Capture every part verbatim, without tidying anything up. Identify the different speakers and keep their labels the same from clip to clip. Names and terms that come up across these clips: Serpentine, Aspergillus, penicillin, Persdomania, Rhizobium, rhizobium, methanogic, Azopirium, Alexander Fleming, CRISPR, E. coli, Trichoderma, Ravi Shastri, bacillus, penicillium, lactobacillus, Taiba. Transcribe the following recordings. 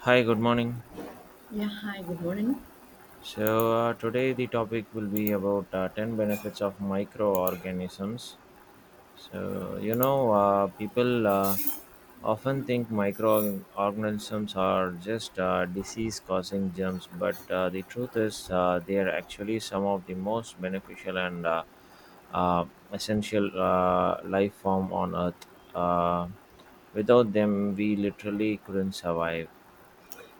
Speaker 1: Hi, good morning.
Speaker 2: Yeah, hi, good morning.
Speaker 1: So, uh, today the topic will be about uh, ten benefits of microorganisms. So, you know, uh, people uh, often think microorganisms are just uh, disease causing germs, but uh, the truth is uh, they are actually some of the most beneficial and uh, uh, essential uh, life form on Earth. Uh, Without them, we literally couldn't survive.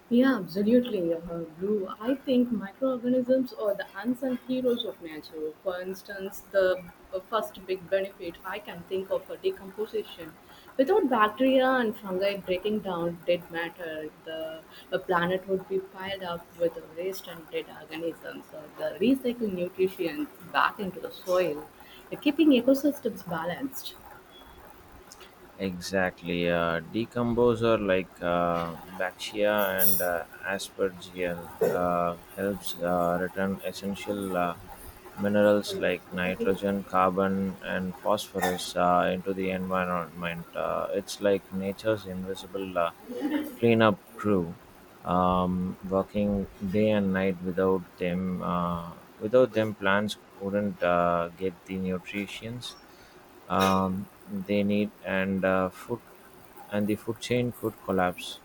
Speaker 2: Yeah, absolutely. Uh, Blue, I think microorganisms are the unsung heroes of nature. For instance, the uh, first big benefit I can think of for decomposition. Without bacteria and fungi breaking down dead matter, the uh, planet would be piled up with waste and dead organisms. So the recycled nutrients back into the soil, uh, keeping ecosystems balanced.
Speaker 1: Exactly. Uh, decomposer like uh, Bactria and uh, Aspergillus uh, helps uh, return essential uh, minerals like nitrogen, carbon, and phosphorus uh, into the environment. Uh, it's like nature's invisible uh, cleanup crew um, working day and night without them. Uh, without them, plants wouldn't uh, get the nutrients um, they need and uh, food, and the food chain could collapse.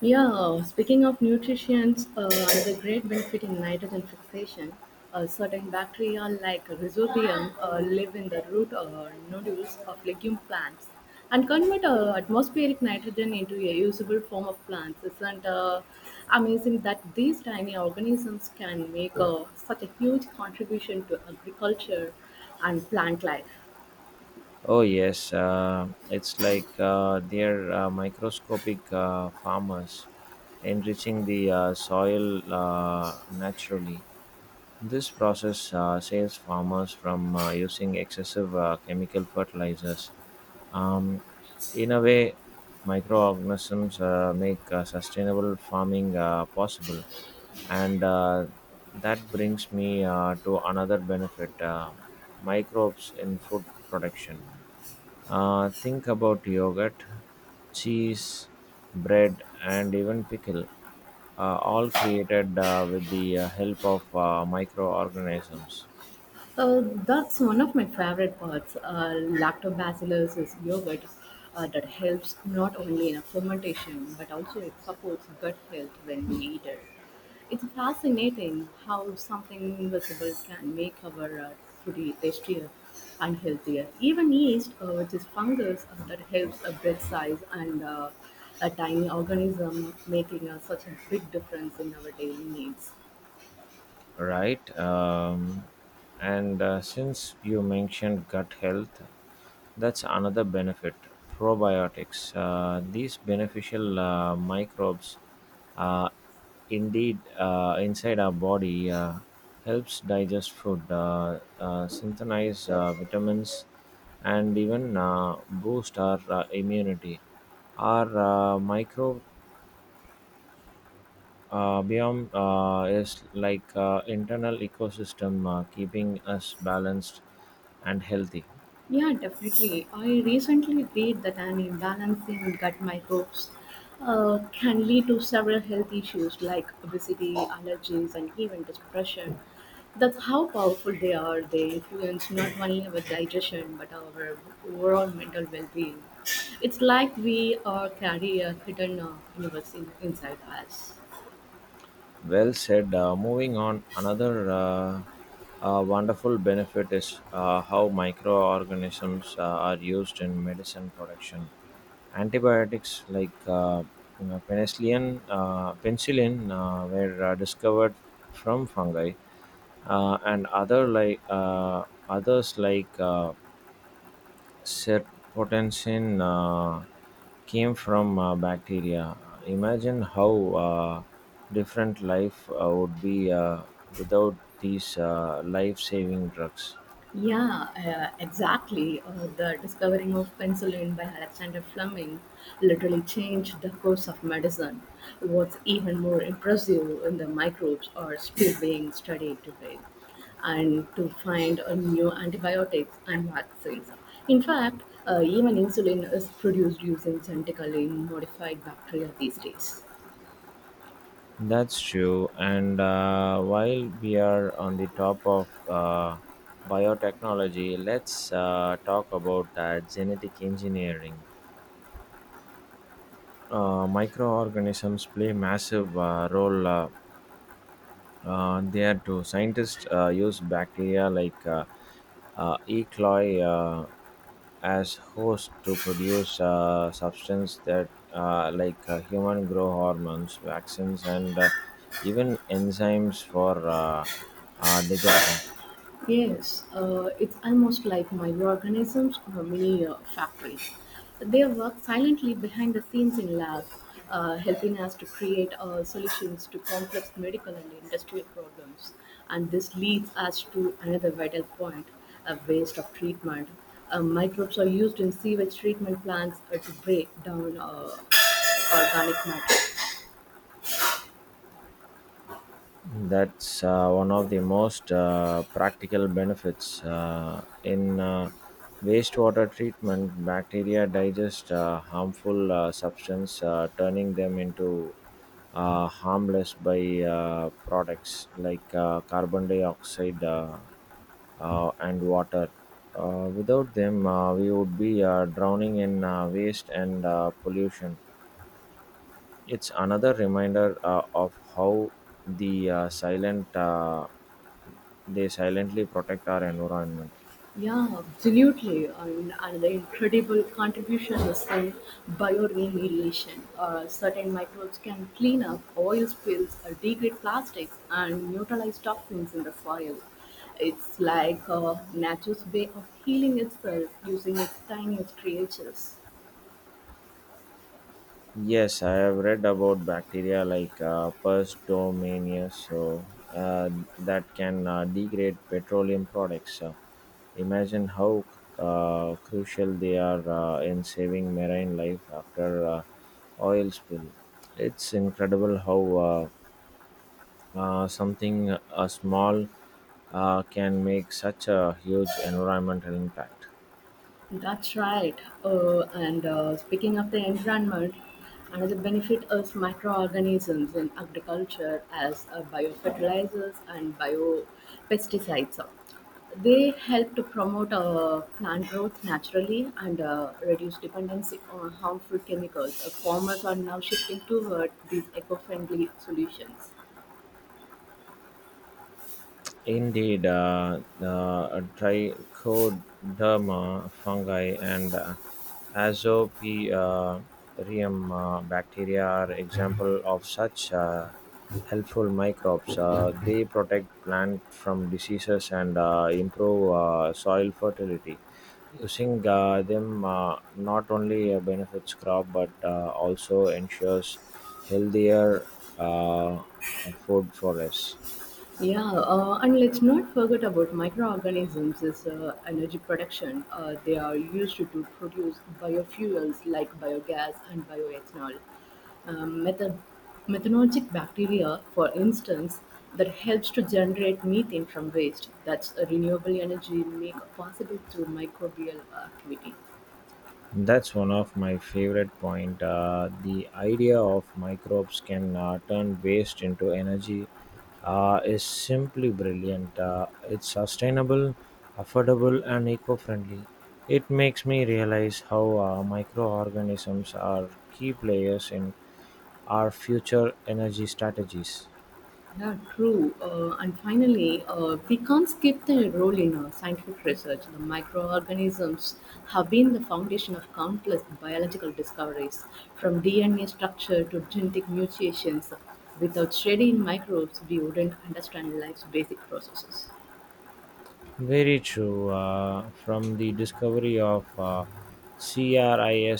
Speaker 2: Yeah, speaking of nutrients, uh, another great benefit in nitrogen fixation, uh, certain bacteria like rhizobium uh, live in the root uh, nodules of legume plants and convert uh, atmospheric nitrogen into a usable form of plants. Isn't uh, amazing that these tiny organisms can make uh, such a huge contribution to agriculture and plant life?
Speaker 1: Oh yes, uh, it's like uh, they're uh, microscopic uh, farmers enriching the uh, soil uh, naturally. This process uh, saves farmers from uh, using excessive uh, chemical fertilizers. Um, in a way, microorganisms uh, make uh, sustainable farming uh, possible, and uh, that brings me uh, to another benefit: uh, microbes in food production. Uh, think about yogurt, cheese, bread, and even pickle, uh, all created uh, with the uh, help of uh, microorganisms.
Speaker 2: Uh, that's one of my favorite parts. Uh, Lactobacillus is yogurt uh, that helps not only in a fermentation but also it supports gut health when we eat it. It's fascinating how something invisible can make our uh, food e, tastier and healthier. Even yeast, uh, which is fungus uh, that helps a bread size and uh, a tiny organism, making uh, such a big difference in our daily needs.
Speaker 1: Right? Um, and uh, since you mentioned gut health, that's another benefit. Probiotics. Uh, these beneficial uh, microbes, uh, indeed, uh, inside our body, uh, helps digest food, uh, uh, synthesize uh, vitamins, and even uh, boost our uh, immunity. Our uh, micro uh, biome uh, is like uh, internal ecosystem, uh, keeping us balanced and healthy.
Speaker 2: Yeah, definitely. I recently read that an imbalance in gut microbes uh, can lead to several health issues like obesity, allergies, and even depression. That's how powerful they are. They influence not only our digestion but our overall mental well-being. It's like we uh, carry a hidden uh, universe in, inside us.
Speaker 1: Well said. Uh, moving on, another uh, uh, wonderful benefit is uh, how microorganisms uh, are used in medicine production. Antibiotics like uh, you know, penicillin, uh, penicillin uh, were uh, discovered from fungi, uh, and other like uh, others like. Uh, Serpentine uh, came from uh, bacteria. Imagine how uh, different life uh, would be uh, without these uh, life saving drugs.
Speaker 2: Yeah, uh, exactly. Uh, the discovering of penicillin by Alexander Fleming literally changed the course of medicine. What's even more impressive in the microbes are still being studied today, and to find a new antibiotics and vaccines. In fact, uh, even insulin is produced using genetically modified bacteria these days.
Speaker 1: That's true. And uh, while we are on the top of uh, biotechnology, let's uh, talk about uh, genetic engineering. Uh, microorganisms play massive uh, role uh, Uh, there too. Scientists uh, use bacteria like uh, uh, E. coli uh, as host to produce uh, substance that uh, like uh, human growth hormones, vaccines, and uh, even enzymes for uh, uh, degradation.
Speaker 2: Yes, uh, it's almost like microorganisms or mini uh, factories. They work silently behind the scenes in labs, uh, helping us to create uh, solutions to complex medical and industrial problems. And this leads us to another vital point a waste of treatment. Uh, microbes are used in sewage treatment plants uh, to break down uh, organic matter.
Speaker 1: That's uh, one of the most uh, practical benefits. Uh, in uh, wastewater treatment, bacteria digest uh, harmful uh, substance, uh, turning them into uh, harmless by uh, products like uh, carbon dioxide uh, uh, and water. Uh, without them, uh, we would be uh, drowning in uh, waste and uh, pollution. It's another reminder uh, of how the uh, silent uh, they silently protect our environment.
Speaker 2: Yeah, absolutely. And another incredible contribution is in bioremediation. Uh, certain microbes can clean up oil spills, uh, degrade plastics, and neutralize toxins in the soil. It's like uh, nature's way of healing itself using its tiniest creatures.
Speaker 1: Yes, I have read about bacteria like uh, Persdomania, so uh, that can uh, degrade petroleum products. Uh, imagine how uh, crucial they are uh, in saving marine life after uh, oil spill. It's incredible how uh, uh, something a small uh, can make such a huge environmental impact.
Speaker 2: That's right. Uh, and uh, Speaking of the environment, another benefit is microorganisms in agriculture as uh, biofertilizers and biopesticides. They help to promote uh, plant growth naturally and uh, reduce dependency on harmful chemicals. Uh, farmers are now shifting toward these eco-friendly solutions.
Speaker 1: Indeed, uh, the trichoderma fungi and uh, azopirium uh, bacteria are example of such uh, helpful microbes. Uh, they protect plant from diseases and uh, improve uh, soil fertility. Using uh, them uh, not only uh, benefits crop but uh, also ensures healthier uh, food for us.
Speaker 2: Yeah, uh, and let's not forget about microorganisms as uh, energy production. Uh, they are used to produce biofuels like biogas and bioethanol. Um, meth- Methanogic bacteria, for instance, that helps to generate methane from waste. That's a renewable energy made possible through microbial activity.
Speaker 1: That's one of my favorite point. Uh, the idea of microbes can uh, turn waste into energy uh, is simply brilliant. Uh, it's sustainable, affordable, and eco-friendly. It makes me realize how uh, microorganisms are key players in our future energy strategies.
Speaker 2: Yeah, true. Uh, and finally, uh, we can't skip the role in uh, scientific research. The microorganisms have been the foundation of countless biological discoveries, from D N A structure to genetic mutations. Without studying microbes, we wouldn't understand life's basic processes.
Speaker 1: Very true. Uh, from the discovery of uh, CRISPR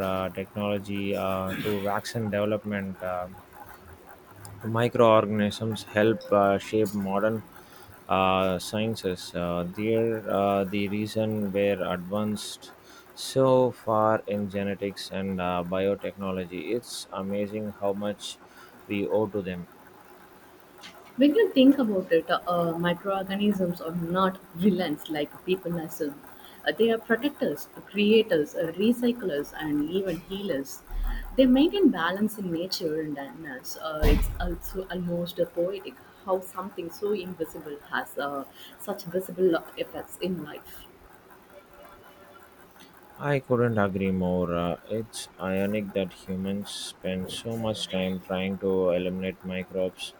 Speaker 1: uh, technology uh, to vaccine development, uh, microorganisms help uh, shape modern uh, sciences. Uh, they're uh, the reason we're advanced so far in genetics and uh, biotechnology. It's amazing how much we owe to them.
Speaker 2: When you think about it, uh, microorganisms are not villains like people assume. Uh, they are protectors, creators, uh, recyclers, and even healers. They maintain balance in nature and in us. Uh, it's also almost poetic how something so invisible has uh, such visible effects in life.
Speaker 1: I couldn't agree more. Uh, it's ironic that humans spend so much time trying to eliminate microbes,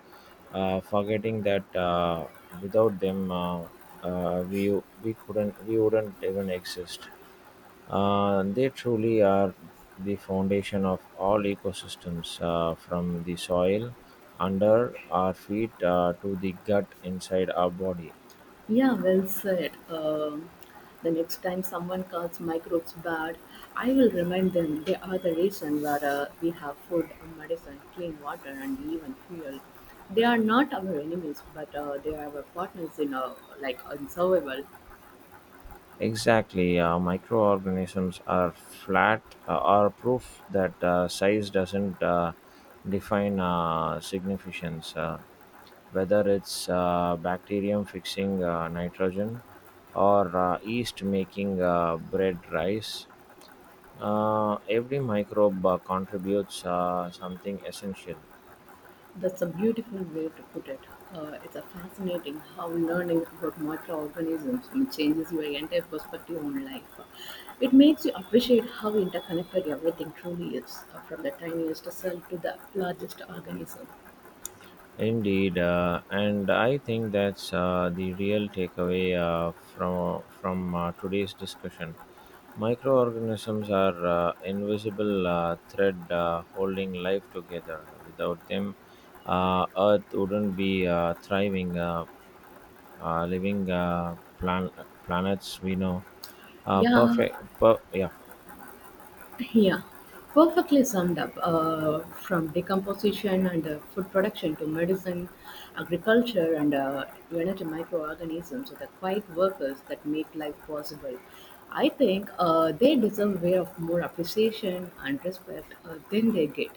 Speaker 1: uh, forgetting that uh, without them, uh, uh, we we couldn't we wouldn't even exist. Uh, they truly are the foundation of all ecosystems, uh, from the soil under our feet uh, to the gut inside our body.
Speaker 2: Yeah, well said. Um, the next time someone calls microbes bad, I will remind them they are the reason where uh, we have food, uh, medicine, clean water, and even fuel. They are not our enemies, but uh, they are our partners in uh, like in survival.
Speaker 1: Exactly, uh, microorganisms are flat, uh, are proof that uh, size doesn't uh, define uh, significance. Uh, whether it's uh, bacterium fixing uh, nitrogen or uh, yeast making uh, bread rice, uh, every microbe uh, contributes uh, something essential.
Speaker 2: That's a beautiful way to put it. Uh, it's a fascinating how learning about microorganisms changes your entire perspective on life. It makes you appreciate how interconnected everything truly is, uh, from the tiniest cell to the largest organism.
Speaker 1: Indeed, uh, and I think that's uh, the real takeaway uh, from from uh, today's discussion. Microorganisms are uh, invisible uh, thread uh, holding life together. Without them, uh, Earth wouldn't be uh, thriving. Uh, uh, living uh, plan- planets we know. Uh,
Speaker 2: Yeah,
Speaker 1: perfect. Per- yeah.
Speaker 2: Yeah, perfectly summed up. Uh, from decomposition and uh, food production to medicine, agriculture, and uh, energy microorganisms are the quiet workers that make life possible. I think uh, they deserve way of more appreciation and respect uh, than they get.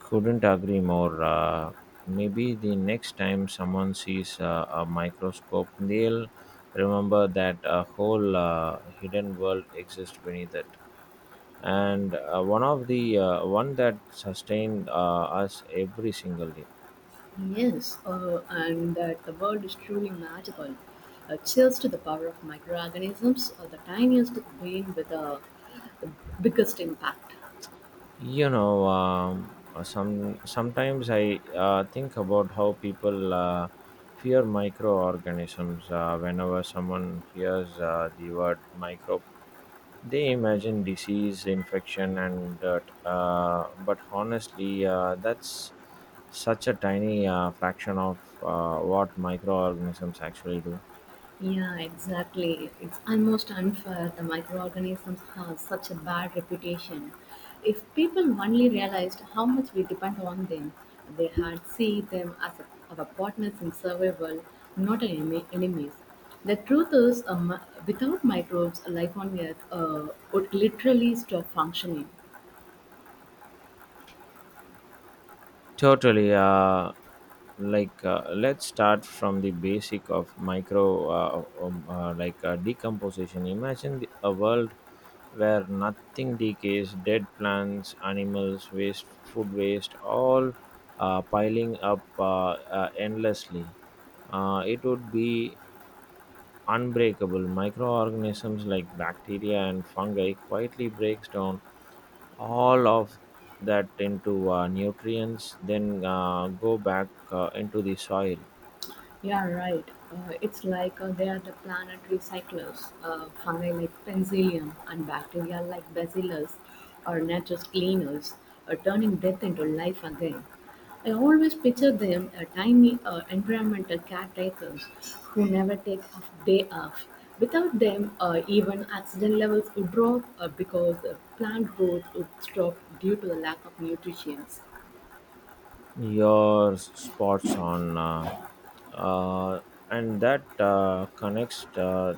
Speaker 1: Couldn't agree more. Uh, maybe the next time someone sees uh, a microscope, they'll remember that a whole uh, hidden world exists beneath it. And uh, one of the uh, one that sustained uh, us every single day.
Speaker 2: Yes, uh, and that the world is truly magical. Uh, cheers to the power of microorganisms, uh, the tiniest being with the biggest impact.
Speaker 1: You know, um, uh, some sometimes I uh, think about how people uh, fear microorganisms uh, whenever someone hears uh, the word micro. They imagine disease, infection, and dirt. Uh, but honestly, uh, that's such a tiny uh, fraction of uh, what microorganisms actually do.
Speaker 2: Yeah, exactly. It's almost unfair the microorganisms have such a bad reputation. If people only realized how much we depend on them, they had see them as a, our partners in survival, not an enemy, enemies. The truth is, um, without microbes, life on Earth uh, would literally stop functioning.
Speaker 1: Totally. Uh, like uh, let's start from the basic of micro uh, um, uh, like uh, decomposition. Imagine the, a world where nothing decays, dead plants, animals waste, food waste, all uh, piling up uh, uh, endlessly. Uh, it would be unbreakable. Microorganisms like bacteria and fungi quietly breaks down all of that into uh, nutrients, then uh, go back uh, into the soil.
Speaker 2: Yeah, right. Uh, it's like uh, they are the planetary cyclers, uh, fungi like penicillium and bacteria like bacillus are nature's cleaners, uh, turning death into life again. I always picture them as tiny uh, environmental caretakers who never take a day off. Without them, uh, even oxygen levels would drop uh, because uh, plant growth would stop due to the lack of nutrition.
Speaker 1: Your spots on uh, uh, and that uh, connects uh,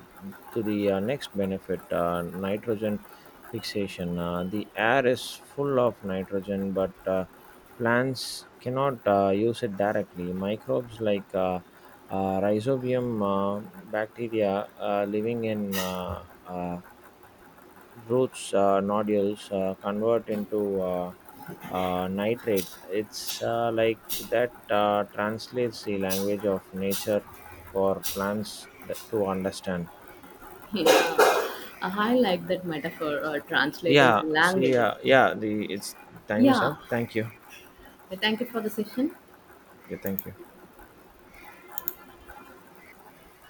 Speaker 1: to the uh, next benefit: uh, nitrogen fixation. Uh, the air is full of nitrogen, but uh, plants cannot uh, use it directly. Microbes like uh, uh, rhizobium uh, bacteria uh, living in uh, uh, roots uh, nodules uh, convert into uh, uh, nitrate. It's uh, like that uh, translates the language of nature for plants th- to understand.
Speaker 2: Yeah, Uh, I like that metaphor or translating
Speaker 1: Yeah,
Speaker 2: the
Speaker 1: see,
Speaker 2: language of.
Speaker 1: uh, yeah, the it's time is
Speaker 2: Yeah,
Speaker 1: up. Thank you.
Speaker 2: thank you for the session.
Speaker 1: Yeah, thank you.